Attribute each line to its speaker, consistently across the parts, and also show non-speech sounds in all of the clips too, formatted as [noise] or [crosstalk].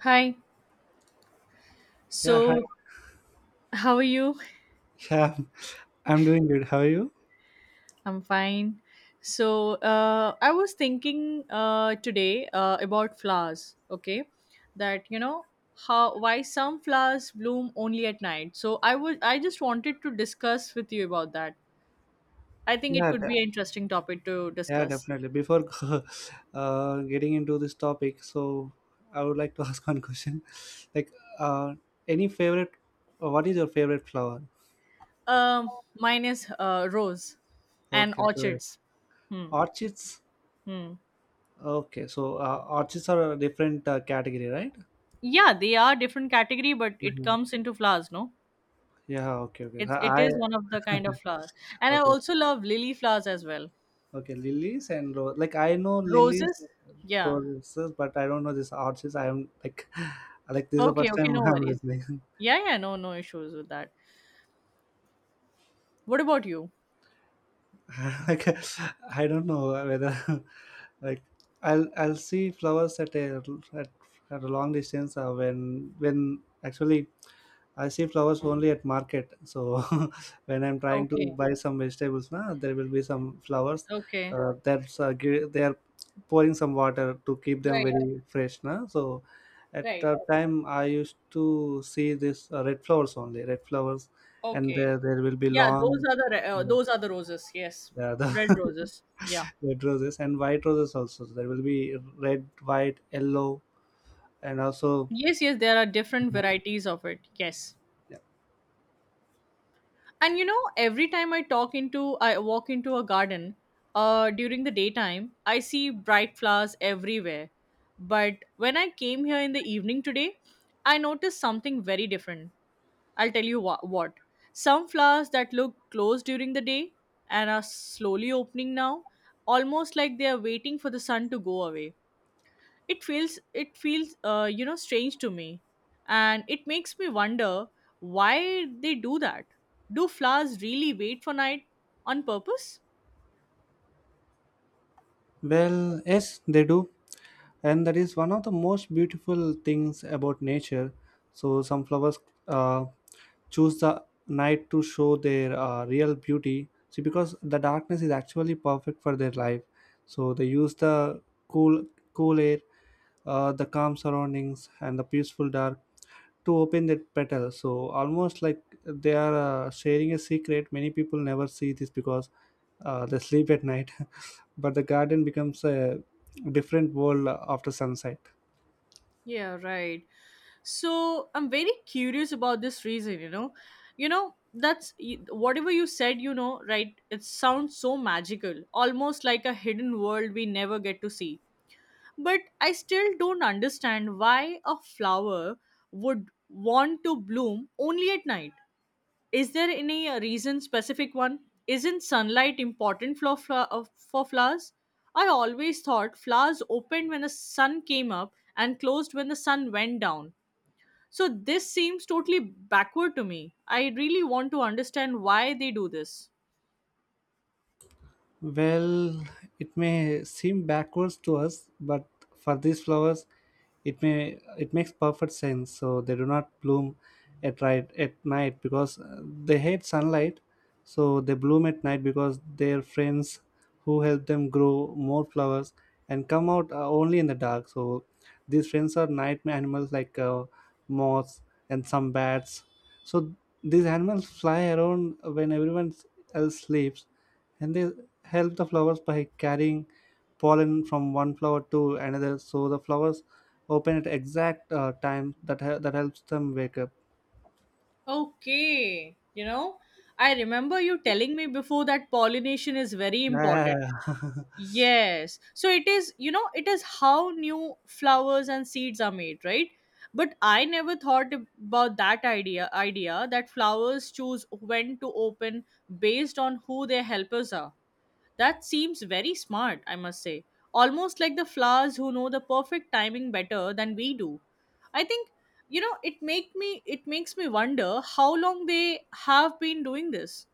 Speaker 1: Hi.
Speaker 2: Yeah, hi.
Speaker 1: So, how are you?
Speaker 2: Yeah, [laughs] I'm doing good. How are you?
Speaker 1: I'm fine. So, I was thinking today about flowers, okay? That, you know, how why some flowers bloom only at night. So, I just wanted to discuss with you about that. I think it
Speaker 2: Yeah,
Speaker 1: could be
Speaker 2: de-
Speaker 1: an interesting topic to
Speaker 2: yeah,
Speaker 1: discuss.
Speaker 2: definitely. Before [laughs] getting into this topic, so I would like to [laughs] ask one question. Like, uh, any favorite? What is your favorite flower?
Speaker 1: Um, Mine is rose and
Speaker 2: Okay, so
Speaker 1: orchids. Hmm.
Speaker 2: orchids.
Speaker 1: Hmm.
Speaker 2: Okay, so orchids are a different category, right?
Speaker 1: Yeah, they are different category, but it
Speaker 2: Mhm.
Speaker 1: comes into flowers, no?
Speaker 2: Yeah. Okay. Okay.
Speaker 1: It is one of the kind of flower,
Speaker 2: [laughs]
Speaker 1: and I
Speaker 2: Okay.
Speaker 1: also love lily flowers as well.
Speaker 2: Okay, lilies and rose. Like I know lilies,
Speaker 1: Roses, yeah.
Speaker 2: roses, but I don't know this orchids. I am like, [laughs] like this is the
Speaker 1: Okay,
Speaker 2: first
Speaker 1: okay,
Speaker 2: time
Speaker 1: no
Speaker 2: I'm
Speaker 1: worries.
Speaker 2: listening.
Speaker 1: Yeah, yeah, no, no issues with that. What about you?
Speaker 2: [laughs] like I don't know whether, [laughs] like I'll see flowers at a at, at a long distance when actually I see flowers only at market. So [laughs] when I'm trying to
Speaker 1: Okay,
Speaker 2: buy some vegetables, na, there will be some flowers.
Speaker 1: okay,
Speaker 2: They are pouring some water to keep them
Speaker 1: right,
Speaker 2: very fresh. Na. So at
Speaker 1: right.
Speaker 2: that time, I used to see this red flowers only, red flowers, and
Speaker 1: Okay,
Speaker 2: there will be
Speaker 1: yeah. Those
Speaker 2: long,
Speaker 1: are the
Speaker 2: you know,
Speaker 1: those are the roses. Yes,
Speaker 2: yeah, the
Speaker 1: red roses.
Speaker 2: [laughs]
Speaker 1: Yeah.
Speaker 2: red roses and white roses also. So there will be red, white, yellow, and also
Speaker 1: Yes, yes. There are different varieties of it. Yes.
Speaker 2: yeah.
Speaker 1: And you know, every time I walk into a garden during the daytime, I see bright flowers everywhere. But when I came here in the evening today, I noticed something very different. I'll tell you what. Some flowers that look closed during the day and are slowly opening now, almost like they are waiting for the sun to go away. It feels strange to me, and it makes me wonder why they do that. Do flowers really wait for night on purpose?
Speaker 2: Well, yes, they do, and that is one of the most beautiful things about nature. So some flowers uh, choose the night to show their real beauty, see, because the darkness is actually perfect for their life. So they use the cool cool air, the calm surroundings, and the peaceful dark to open that petal, so almost like they are sharing a secret. Many people never see this because they sleep at night, [laughs] but the garden becomes a different world after sunset.
Speaker 1: Yeah, right. So I'm very curious about this reason you know whatever you said, it sounds so magical, almost like a hidden world we never get to see. But I still don't understand why a flower would want to bloom only at night. Is there any reason, specific one? Isn't sunlight important for, for flowers? I always thought flowers opened when the sun came up and closed when the sun went down. So this seems totally backward to me. I really want to understand why they do this.
Speaker 2: Well, it may seem backwards to us, but for these flowers, it makes perfect sense. So they do not bloom at right at night because they hate sunlight. So they bloom at night because their friends who help them grow more flowers and come out only in the dark. So these friends are night animals, like moths and some bats. So these animals fly around when everyone else sleeps, and they help the flowers by carrying pollen from one flower to another, so the flowers open at exact time that that helps them wake up,
Speaker 1: Okay, you know, I remember you telling me before that pollination is very important.
Speaker 2: yeah.
Speaker 1: Yes. So it is, you know, it is how new flowers and seeds are made, right? But I never thought about that idea that flowers choose when to open based on who their helpers are. That seems very smart, I must say. Almost like the flowers who know the perfect timing better than we do. I think, you know, it makes me wonder how long they have been doing this.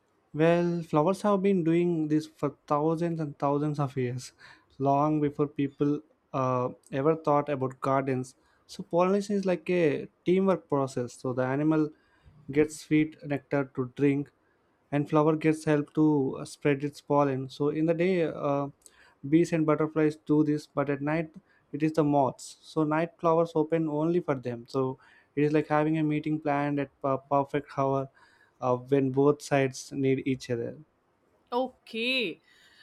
Speaker 2: [laughs] Well, flowers have been doing this for thousands and thousands of years, long before people ever thought about gardens. So pollination is like a teamwork process. So the animal gets sweet nectar to drink, and flower gets help to spread its pollen. So in the day, bees and butterflies do this, but at night it is the moths. So night flowers open only for them. So it is like having a meeting planned at a perfect hour, when both sides need each other.
Speaker 1: Okay.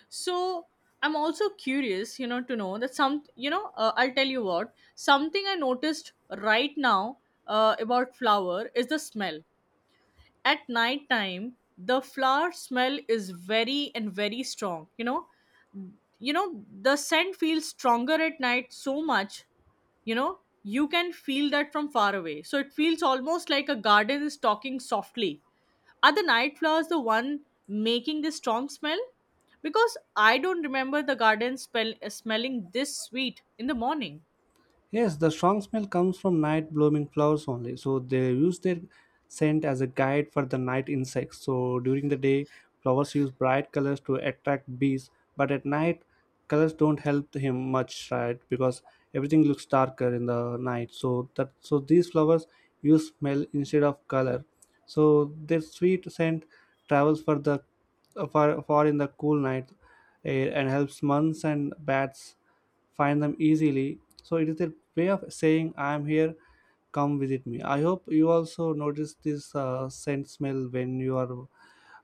Speaker 1: So I'm also curious, you know, to know that some, you know, I'll tell you what, something I noticed right now about flower is the smell. At night time, the flower smell is very and very strong, you know. You know, the scent feels stronger at night so much, you know. You can feel that from far away. So it feels almost like a garden is talking softly. Are the night flowers the one making this strong smell? Because I don't remember the garden smelling this sweet in the morning.
Speaker 2: Yes, the strong smell comes from night blooming flowers only. So they use their scent as a guide for the night insects. So during the day, flowers use bright colors to attract bees, but at night, colors don't help him much, right? Because everything looks darker in the night. So that, so these flowers use smell instead of color. So their sweet scent travels for the far, far in the cool night air and helps months and bats find them easily. So it is a way of saying, I am here, come visit me. I hope you also notice this scent smell when you are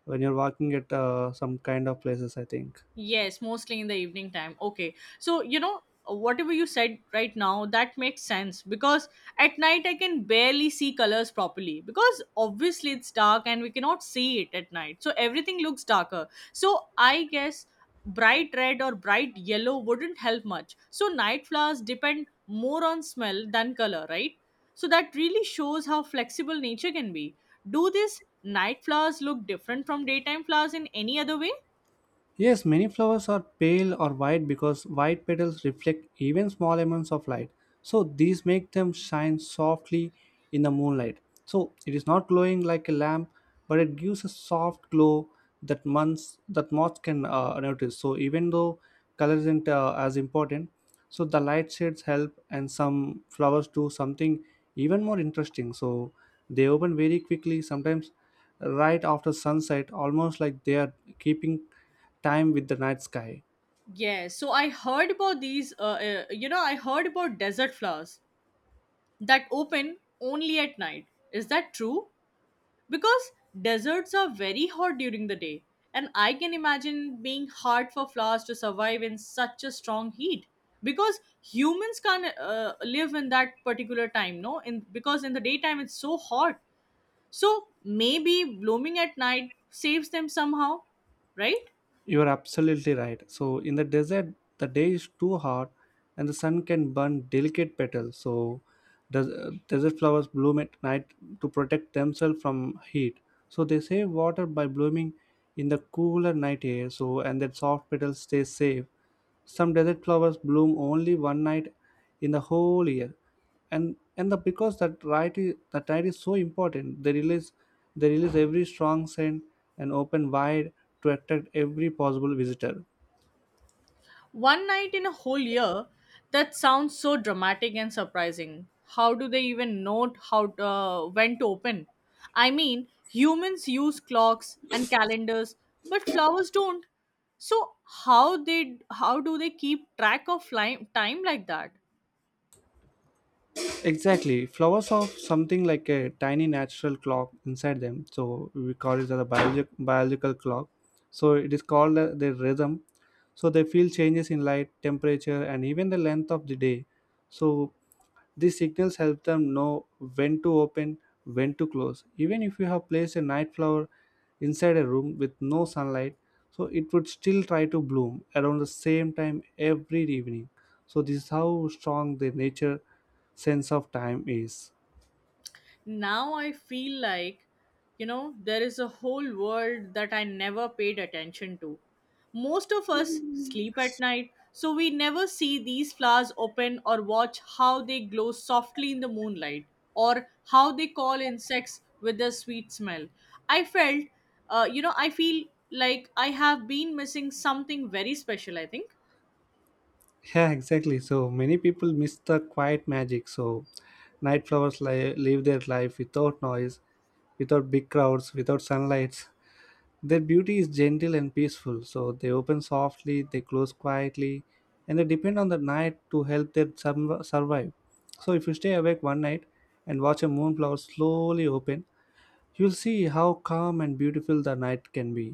Speaker 2: when you're walking at some kind of places, I think.
Speaker 1: Yes, mostly in the evening time. Okay. So, you know, whatever you said right now, that makes sense because at night I can barely see colors properly, because obviously it's dark and we cannot see it at night. So, everything looks darker. So, I guess bright red or bright yellow wouldn't help much. So, night flowers depend more on smell than color, right? So, that really shows how flexible nature can be. Do these night flowers look different from daytime flowers in any other way?
Speaker 2: Yes, many flowers are pale or white because white petals reflect even small amounts of light. So these make them shine softly in the moonlight. So it is not glowing like a lamp, but it gives a soft glow that months that moths can notice. So even though color isn't as important, so the light shades help, and some flowers do something even more interesting. So they open very quickly, sometimes right after sunset, almost like they are keeping time with the night sky.
Speaker 1: Yes, so I heard about these. You know, I heard about desert flowers that open only at night. Is that true? Because deserts are very hot during the day, and I can imagine being hard for flowers to survive in such a strong heat. Because humans can't live in that particular time, no? In because in the daytime it's so hot. So maybe blooming at night saves them somehow, right?
Speaker 2: You are absolutely right. So in the desert, the day is too hot, and the sun can burn delicate petals. So desert flowers bloom at night to protect themselves from heat. So they save water by blooming in the cooler night air. So and that soft petals stay safe. Some desert flowers bloom only one night in the whole year, and the because that night is so important, they release every strong scent and open wide to attract every possible visitor.
Speaker 1: One night in a whole year? That sounds so dramatic and surprising. How do they even note how to, when to open? I mean, humans use clocks and calendars, but flowers don't. So how do they keep track of time like that?
Speaker 2: Exactly, flowers have something like a tiny natural clock inside them, so we call it as a biological clock. So it is called their rhythm. So they feel changes in light, temperature, and even the length of the day. So these signals help them know when to open, when to close. Even if you have placed a night flower inside a room with no sunlight, so it would still try to bloom around the same time every evening. So this is how strong the nature sense of time is. [laughs]
Speaker 1: Now I feel like, you know, there is a whole world that I never paid attention to. Most of us sleep at night, so we never see these flowers open or watch how they glow softly in the moonlight, or how they call insects with their sweet smell. I felt you know I feel like I have been missing something very special, I think.
Speaker 2: Yeah, exactly. So many people miss the quiet magic. So night flowers live their life without noise, without big crowds, without sunlight. [laughs] Their beauty is gentle and peaceful, so they open softly, they close quietly, and they depend on the night to help them survive. So if you stay awake one night and watch a moonflower slowly open, you'll see how calm and beautiful the night can be.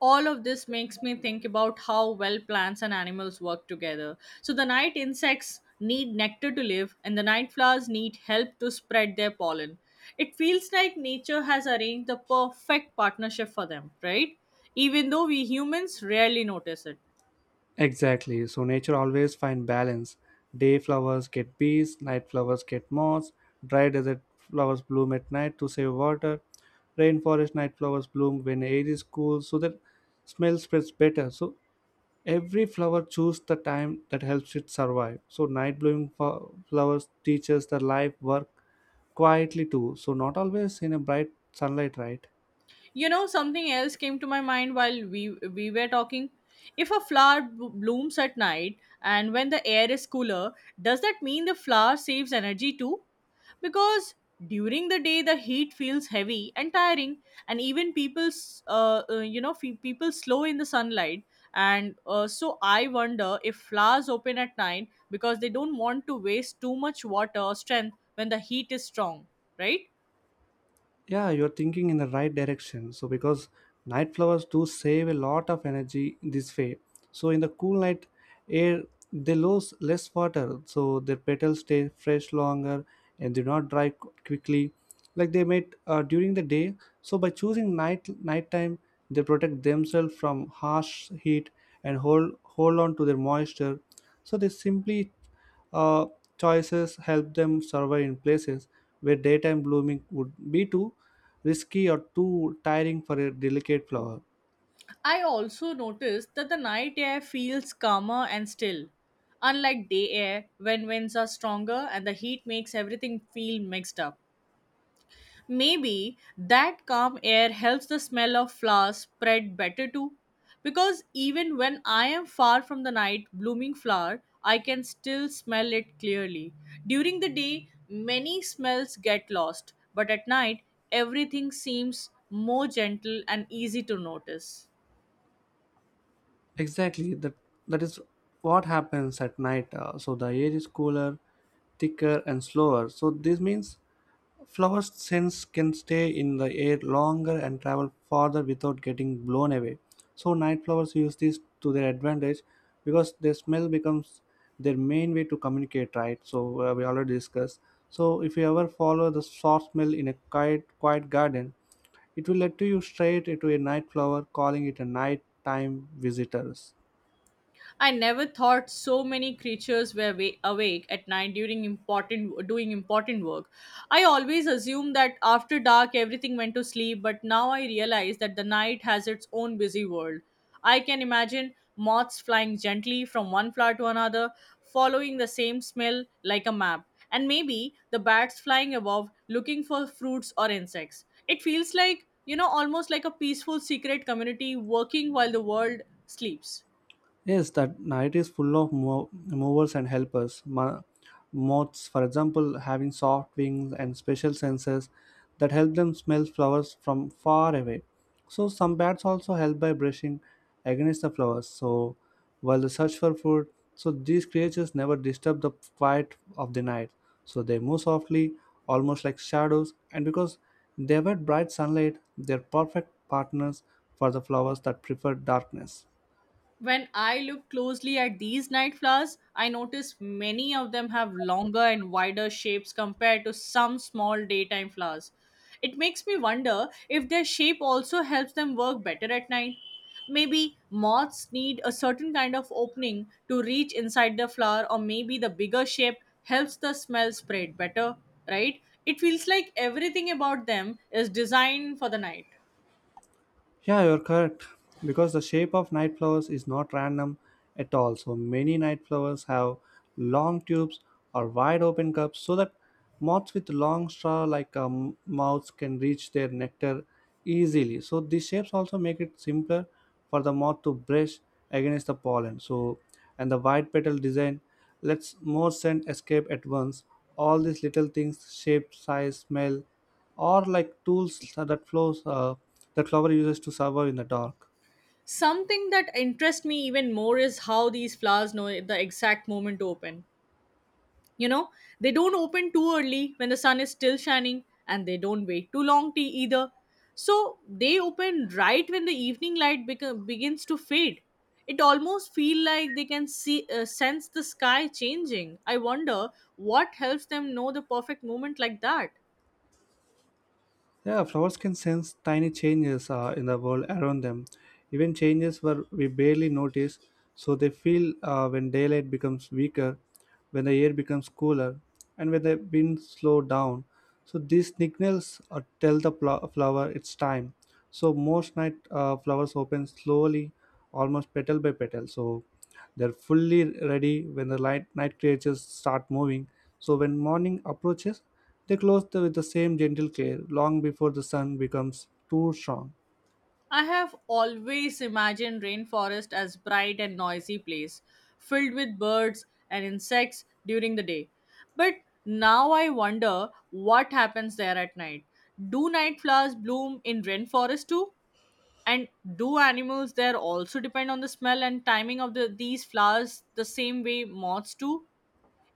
Speaker 1: All of this makes me think about how well plants and animals work together. So the night insects need nectar to live, and the night flowers need help to spread their pollen. It feels like nature has arranged the perfect partnership for them, right? Even though we humans rarely notice it.
Speaker 2: Exactly, so nature always finds balance. Day flowers get bees, night flowers get moths, dry desert flowers bloom at night to save water, rainforest night flowers bloom when air is cool so that smell spreads better. So every flower chooses the time that helps it survive. So night blooming flowers teaches the life work quietly too. So not always in a bright sunlight, right?
Speaker 1: You know, something else came to my mind while we were talking. If a flower blooms at night and when the air is cooler, does that mean the flower saves energy too? Because during the day the heat feels heavy and tiring, and even people, people slow in the sunlight. And so I wonder if flowers open at night because they don't want to waste too much water or strength when the heat is strong, right?
Speaker 2: Yeah, you're thinking in the right direction, so because night flowers do save a lot of energy this way. So in the cool night air they lose less water, so their petals stay fresh longer and do not dry quickly like they might during the day. So by choosing nighttime they protect themselves from harsh heat and hold on to their moisture. So they simply, uh, choices help them survive in places where daytime blooming would be too risky or too tiring for a delicate flower.
Speaker 1: I also noticed that the night air feels calmer and still, unlike day air when winds are stronger and the heat makes everything feel mixed up. Maybe that calm air helps the smell of flowers spread better too, because even when I am far from the night blooming flower, I can still smell it clearly. During the day, many smells get lost, but at night, everything seems more gentle and easy to notice.
Speaker 2: Exactly, that is what happens at night. So the air is cooler, thicker, and slower. So this means flowers' scents can stay in the air longer and travel farther without getting blown away. So night flowers use this to their advantage because their smell becomes their main way to communicate, right? So we already discussed. So if you ever follow the soft smell in a quiet, quiet garden, it will lead to you straight into a night flower, calling it a nighttime visitors.
Speaker 1: I never thought so many creatures were awake at night during important doing important work. I always assumed that after dark everything went to sleep, but now I realize that the night has its own busy world. I can imagine moths flying gently from one flower to another, following the same smell like a map, and maybe the bats flying above looking for fruits or insects. It feels like, you know, almost like a peaceful secret community working while the world sleeps.
Speaker 2: Yes, that night is full of movers and helpers. Moths, for example, having soft wings and special senses that help them smell flowers from far away. So some bats also help by brushing against the flowers. So while they search for food, so these creatures never disturb the quiet of the night. So they move softly, almost like shadows, and because they avoid bright sunlight, they're perfect partners for the flowers that prefer darkness.
Speaker 1: When I look closely at these night flowers, I notice many of them have longer and wider shapes compared to some small daytime flowers. It makes me wonder if their shape also helps them work better at night. Maybe moths need a certain kind of opening to reach inside the flower, or maybe the bigger shape helps the smell spread better, right? It feels like everything about them is designed for the night.
Speaker 2: Yeah, you're correct. Because the shape of night flowers is not random at all. So many night flowers have long tubes or wide open cups so that moths with long straw like mouths can reach their nectar easily. So these shapes also make it simpler for the moth to brush against the pollen. So and the wide petal design lets more scent escape at once. All these little things, shape, size, smell, or like tools that flower uses to survive in the dark.
Speaker 1: Something that interests me even more is how these flowers know the exact moment to open. You know, they don't open too early when the sun is still shining, and they don't wait too long tea either. So they open right when the evening light begins to fade. It almost feel like they can see sense the sky changing. I wonder what helps them know the perfect moment like that.
Speaker 2: Yeah, flowers can sense tiny changes in the world around them, even changes where we barely notice. So they feel when daylight becomes weaker, when the air becomes cooler, and when the wind slow down. So these signals tell the flower it's time. So most night flowers open slowly, almost petal by petal. So they're fully ready when the light, night creatures start moving. So when morning approaches, they close the, with the same gentle care long before the sun becomes too strong.
Speaker 1: I have always imagined rainforest as bright and noisy place, filled with birds and insects during the day. But now I wonder what happens there at night. Do night flowers bloom in rainforest too? And do animals there also depend on the smell and timing of the, these flowers the same way moths do?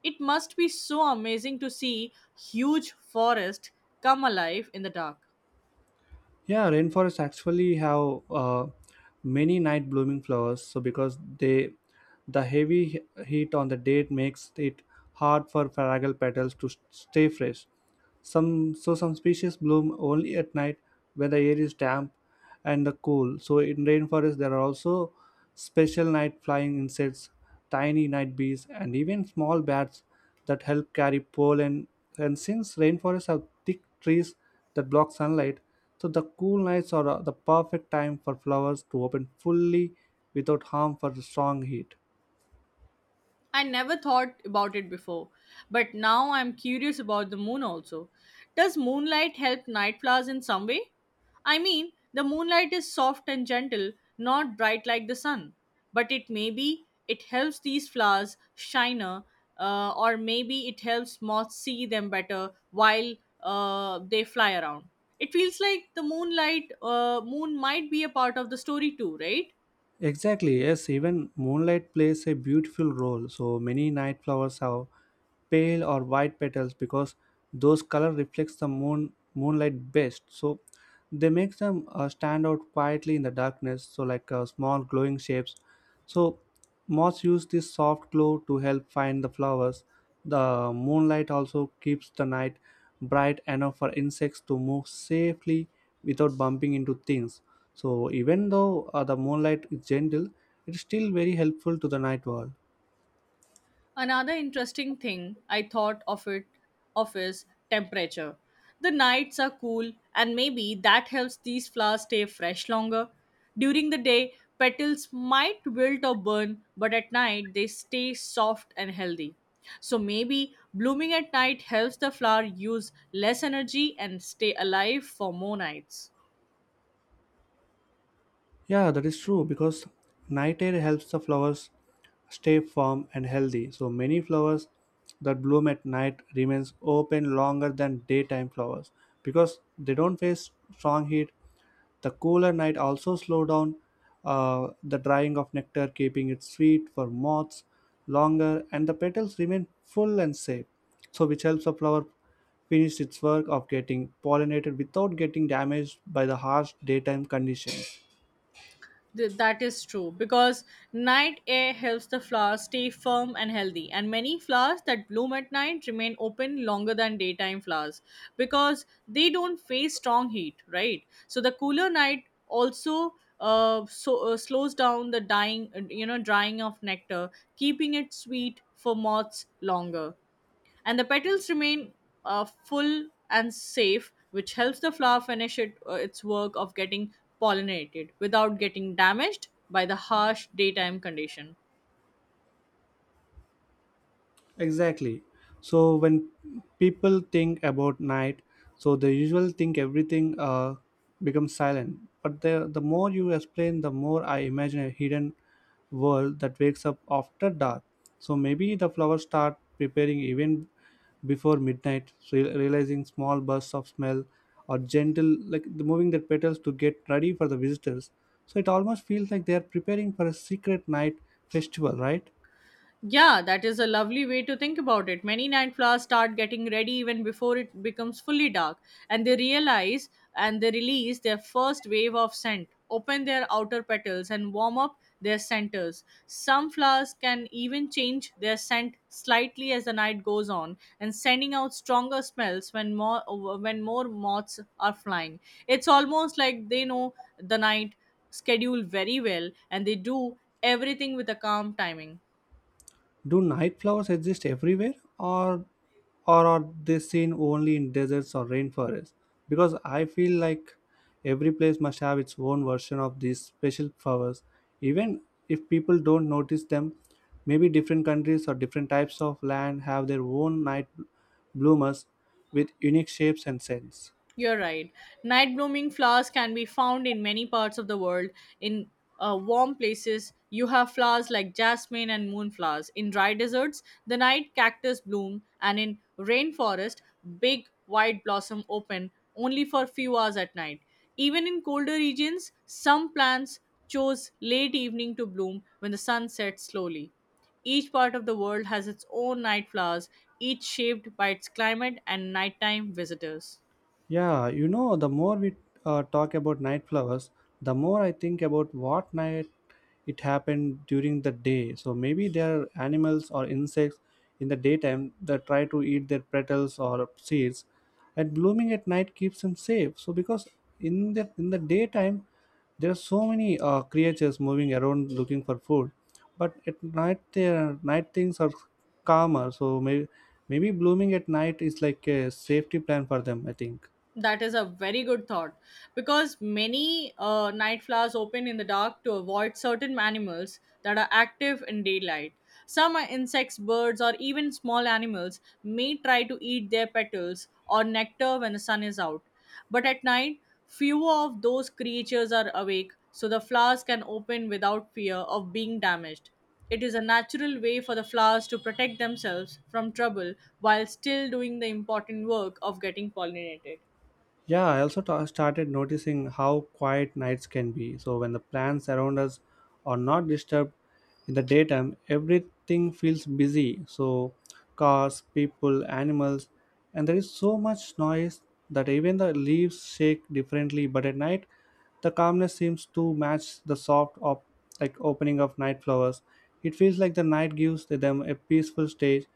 Speaker 1: It must be so amazing to see huge forest come alive in the dark.
Speaker 2: Yeah, rainforests actually have many night blooming flowers. So because they, the heavy heat on the day makes it hard for fragile petals to stay fresh. Some, so some species bloom only at night when the air is damp and the cool. So in rainforest there are also special night flying insects, tiny night bees, and even small bats that help carry pollen. And since rainforests have thick trees that block sunlight, so the cool nights are the perfect time for flowers to open fully without harm for the strong heat.
Speaker 1: I never thought about it before, but now I'm curious about the moon also. Does moonlight help night flowers in some way? I mean, the moonlight is soft and gentle, not bright like the sun, but it maybe it helps these flowers shiner, or maybe it helps moths see them better while they fly around. It feels like the moon might be a part of the story too, right?
Speaker 2: Exactly, yes, even moonlight plays a beautiful role. So many night flowers have pale or white petals because those color reflects the moonlight best. So they make them stand out quietly in the darkness, so like small glowing shapes. So moths use this soft glow to help find the flowers. The moonlight also keeps the night bright enough for insects to move safely without bumping into things. So, even though the moonlight is gentle, it is still very helpful to the night world.
Speaker 1: Another interesting thing I thought of is temperature. The nights are cool and maybe that helps these flowers stay fresh longer. During the day, petals might wilt or burn, but at night they stay soft and healthy. So maybe blooming at night helps the flower use less energy and stay alive for more nights.
Speaker 2: Yeah, that is true because night air helps the flowers stay firm and healthy. So many flowers that bloom at night remains open longer than daytime flowers because they don't face strong heat. The cooler night also slow down the drying of nectar, keeping it sweet for moths longer, and the petals remain full and safe. So which helps the flower finish its work of getting pollinated without getting damaged by the harsh daytime conditions.
Speaker 1: That is true because night air helps the flowers stay firm and healthy, and many flowers that bloom at night remain open longer than daytime flowers because they don't face strong heat, right? So the cooler night also slows down the dying you know drying of nectar, keeping it sweet for moths longer, and the petals remain full and safe, which helps the flower finish its work of getting pollinated without getting damaged by the harsh daytime condition.
Speaker 2: Exactly. So when people think about night, so they usually think everything becomes silent. But the more you explain, the more I imagine a hidden world that wakes up after dark. So maybe the flowers start preparing even before midnight, so realizing small bursts of smell or gentle like the moving their petals to get ready for the visitors. So it almost feels like they are preparing for a secret night festival, right?
Speaker 1: Yeah, that is a lovely way to think about it. Many night flowers start getting ready even before it becomes fully dark, and they realize and they release their first wave of scent, open their outer petals, and warm up their centers. Some flowers can even change their scent slightly as the night goes on and sending out stronger smells when more moths are flying. It's almost like they know the night schedule very well and they do everything with a calm timing.
Speaker 2: Do night flowers exist everywhere, or are they seen only in deserts or rainforests? Because I feel like every place must have its own version of these special flowers, even if people don't notice them. Maybe different countries or different types of land have their own night bloomers with unique shapes and scents.
Speaker 1: You're right. Night blooming flowers can be found in many parts of the world. In warm places, you have flowers like jasmine and moonflowers. In dry deserts, the night cactus bloom, and in rainforest, big white blossom open only for few hours at night. Even in colder regions, some plants chose late evening to bloom when the sun sets slowly. Each part of the world has its own night flowers, each shaped by its climate and nighttime visitors.
Speaker 2: Yeah, you know, the more we talk about night flowers, the more I think about what night it happened during the day. So maybe there are animals or insects in the daytime that try to eat their petals or seeds, and blooming at night keeps them safe. So because in the daytime there are so many creatures moving around looking for food, but at night there night things are calmer. So maybe blooming at night is like a safety plan for them, I think.
Speaker 1: That is a very good thought because many night flowers open in the dark to avoid certain animals that are active in daylight. Some are insects, birds, or even small animals may try to eat their petals or nectar when the sun is out. But at night, fewer of those creatures are awake, so the flowers can open without fear of being damaged. It is a natural way for the flowers to protect themselves from trouble while still doing the important work of getting pollinated.
Speaker 2: Yeah, I also ta started noticing how quiet nights can be. So when the plants around us are not disturbed in the daytime, everything feels busy. So cars, people, animals, and there is so much noise that even the leaves shake differently. But at night, the calmness seems to match the soft like opening of night flowers. It feels like the night gives them a peaceful stage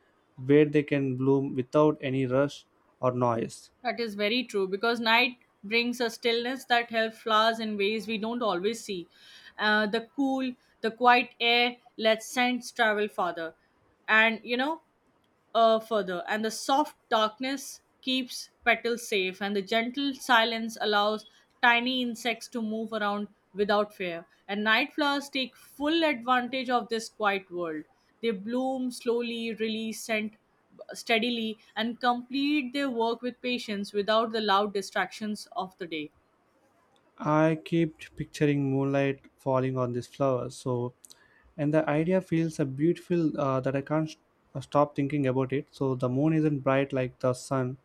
Speaker 2: where they can bloom without any rush or noise.
Speaker 1: That is very true because night brings a stillness that helps flowers in ways we don't always see. The cool, the quiet air lets scents travel farther. And you know, further, and the soft darkness keeps petals safe, and the gentle silence allows tiny insects to move around without fear. And night flowers take full advantage of this quiet world. They bloom slowly, release scent steadily, and complete their work with patience without the loud distractions of the day.
Speaker 2: I kept picturing moonlight falling on this flower. So, and the idea feels a beautiful that I can't sh- stop thinking about it. So the moon isn't bright like the sun,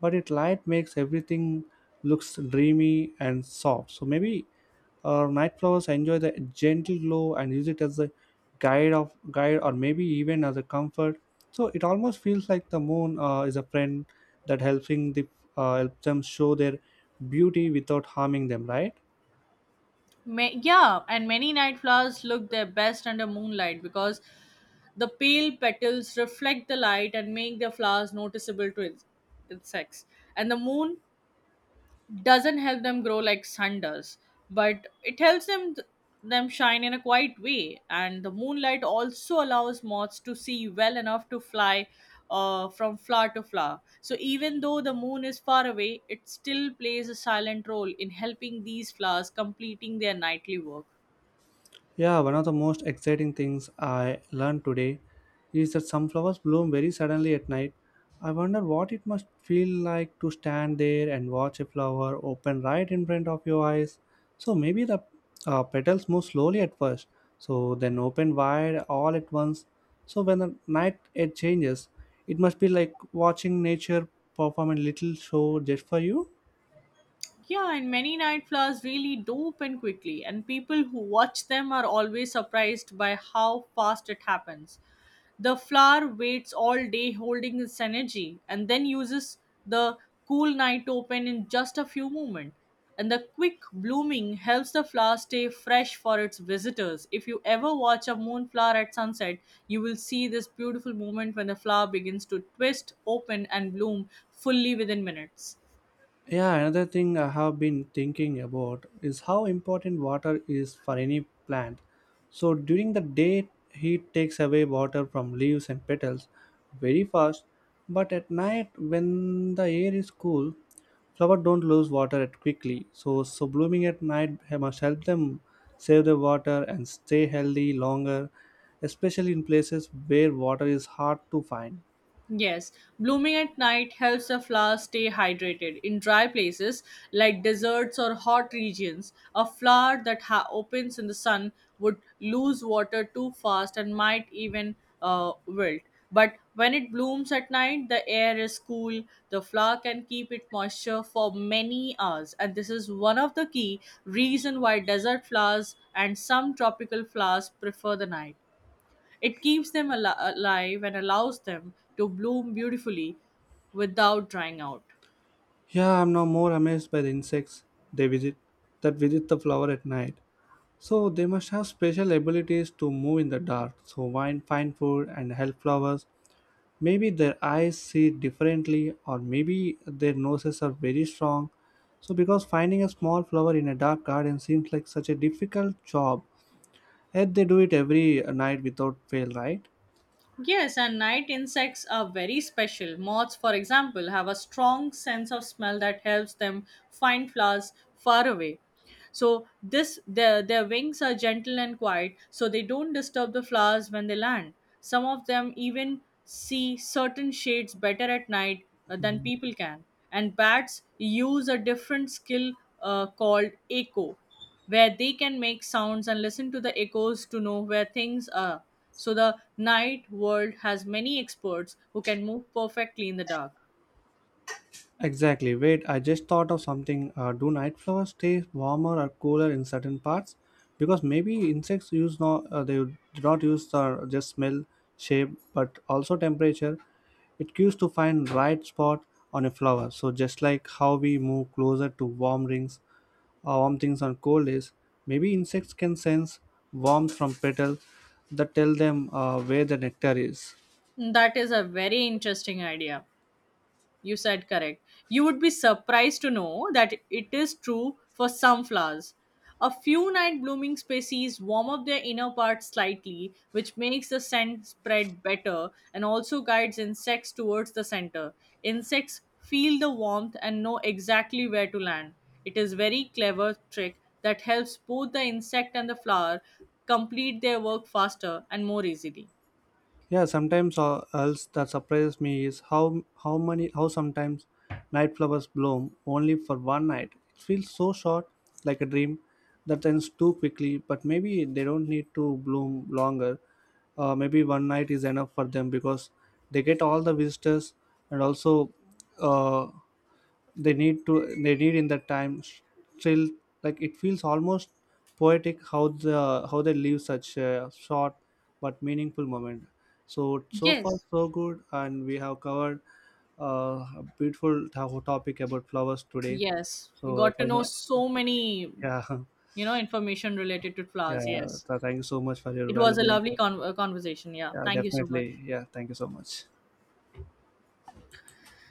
Speaker 2: but its light makes everything looks dreamy and soft. So maybe night flowers enjoy the gentle glow and use it as a guide or maybe even as a comfort. So it almost feels like the moon is a friend that helping the helps them show their beauty without harming them, right?
Speaker 1: Yeah, and many night flowers look their best under moonlight because the pale petals reflect the light and make their flowers noticeable to insects. And the moon doesn't help them grow like sun does, but it helps them shine in a quiet way. And the moonlight also allows moths to see well enough to fly from flower to flower. So even though the moon is far away, it still plays a silent role in helping these flowers completing their nightly work.
Speaker 2: Yeah, one of the most exciting things I learned today is that sunflowers bloom very suddenly at night. I wonder what it must feel like to stand there and watch a flower open right in front of your eyes. So maybe the petals move slowly at first, so then open wide all at once. So when the night it changes, it must be like watching nature perform a little show just for you.
Speaker 1: Yeah, and many night flowers really do open quickly, and people who watch them are always surprised by how fast it happens. The flower waits all day holding its energy and then uses the cool night to open in just a few moments. And the quick blooming helps the flower stay fresh for its visitors. If you ever watch a moonflower at sunset, you will see this beautiful moment when the flower begins to twist, open, and bloom fully within minutes.
Speaker 2: Yeah, another thing I have been thinking about is how important water is for any plant. So during the day, heat takes away water from leaves and petals very fast, but at night, when the air is cool, flowers don't lose water at quickly. So blooming at night must help them save the water and stay healthy longer, especially in places where water is hard to find.
Speaker 1: Yes, blooming at night helps the flower stay hydrated. In dry places like deserts or hot regions, a flower that opens in the sun would lose water too fast and might even wilt. But when it blooms at night, the air is cool, the flower can keep its moisture for many hours. And this is one of the key reason why desert flowers and some tropical flowers prefer the night. It keeps them alive and allows them to bloom beautifully without drying out.
Speaker 2: Yeah, I'm now more amazed by the insects they visit that visit the flower at night. So they must have special abilities to move in the dark, so find food and help flowers. Maybe their eyes see differently, or maybe their noses are very strong. So because finding a small flower in a dark garden seems like such a difficult job, yet they do it every night without fail, right?
Speaker 1: Yes, and night insects are very special. Moths, for example, have a strong sense of smell that helps them find flowers far away. So this their wings are gentle and quiet, so they don't disturb the flowers when they land. Some of them even see certain shades better at night than people can. And bats use a different skill called echo, where they can make sounds and listen to the echoes to know where things are. So the night world has many experts who can move perfectly in the dark.
Speaker 2: Exactly. Wait, I just thought of something. Do night flowers stay warmer or cooler in certain parts? Because maybe insects use no, they do not use just smell, shape, but also temperature. It cues to find right spot on a flower. So just like how we move closer to warm rings or warm things on cold days, maybe insects can sense warmth from petal that tell them where the nectar is.
Speaker 1: That is a very interesting idea. You said correct. You would be surprised to know that it is true for some flowers. A few night blooming species warm up their inner parts slightly, which makes the scent spread better and also guides insects towards the center. Insects feel the warmth and know exactly where to land. It is very clever trick that helps both the insect and the flower complete their work faster and more easily.
Speaker 2: Yeah, sometimes else that surprises me is how many how sometimes night flowers bloom only for one night. It feels so short, like a dream that ends too quickly. But maybe they don't need to bloom longer. Maybe one night is enough for them because they get all the visitors and also uh, they need to they need in that time still, like it feels almost poetic how they leave such a short but meaningful moment. So so far
Speaker 1: Yes,
Speaker 2: so good, and we have covered a beautiful topic about flowers today.
Speaker 1: yes. We
Speaker 2: So it
Speaker 1: got to
Speaker 2: was
Speaker 1: know
Speaker 2: a,
Speaker 1: so many
Speaker 2: yeah
Speaker 1: you know information related to
Speaker 2: [laughs]
Speaker 1: flowers.
Speaker 2: yeah,
Speaker 1: Yes,
Speaker 2: so thank you so much for your
Speaker 1: it was a
Speaker 2: valuable
Speaker 1: lovely
Speaker 2: input.
Speaker 1: conversation. Yeah,
Speaker 2: Yeah,
Speaker 1: thank you so much.
Speaker 2: definitely, yeah, thank you so much.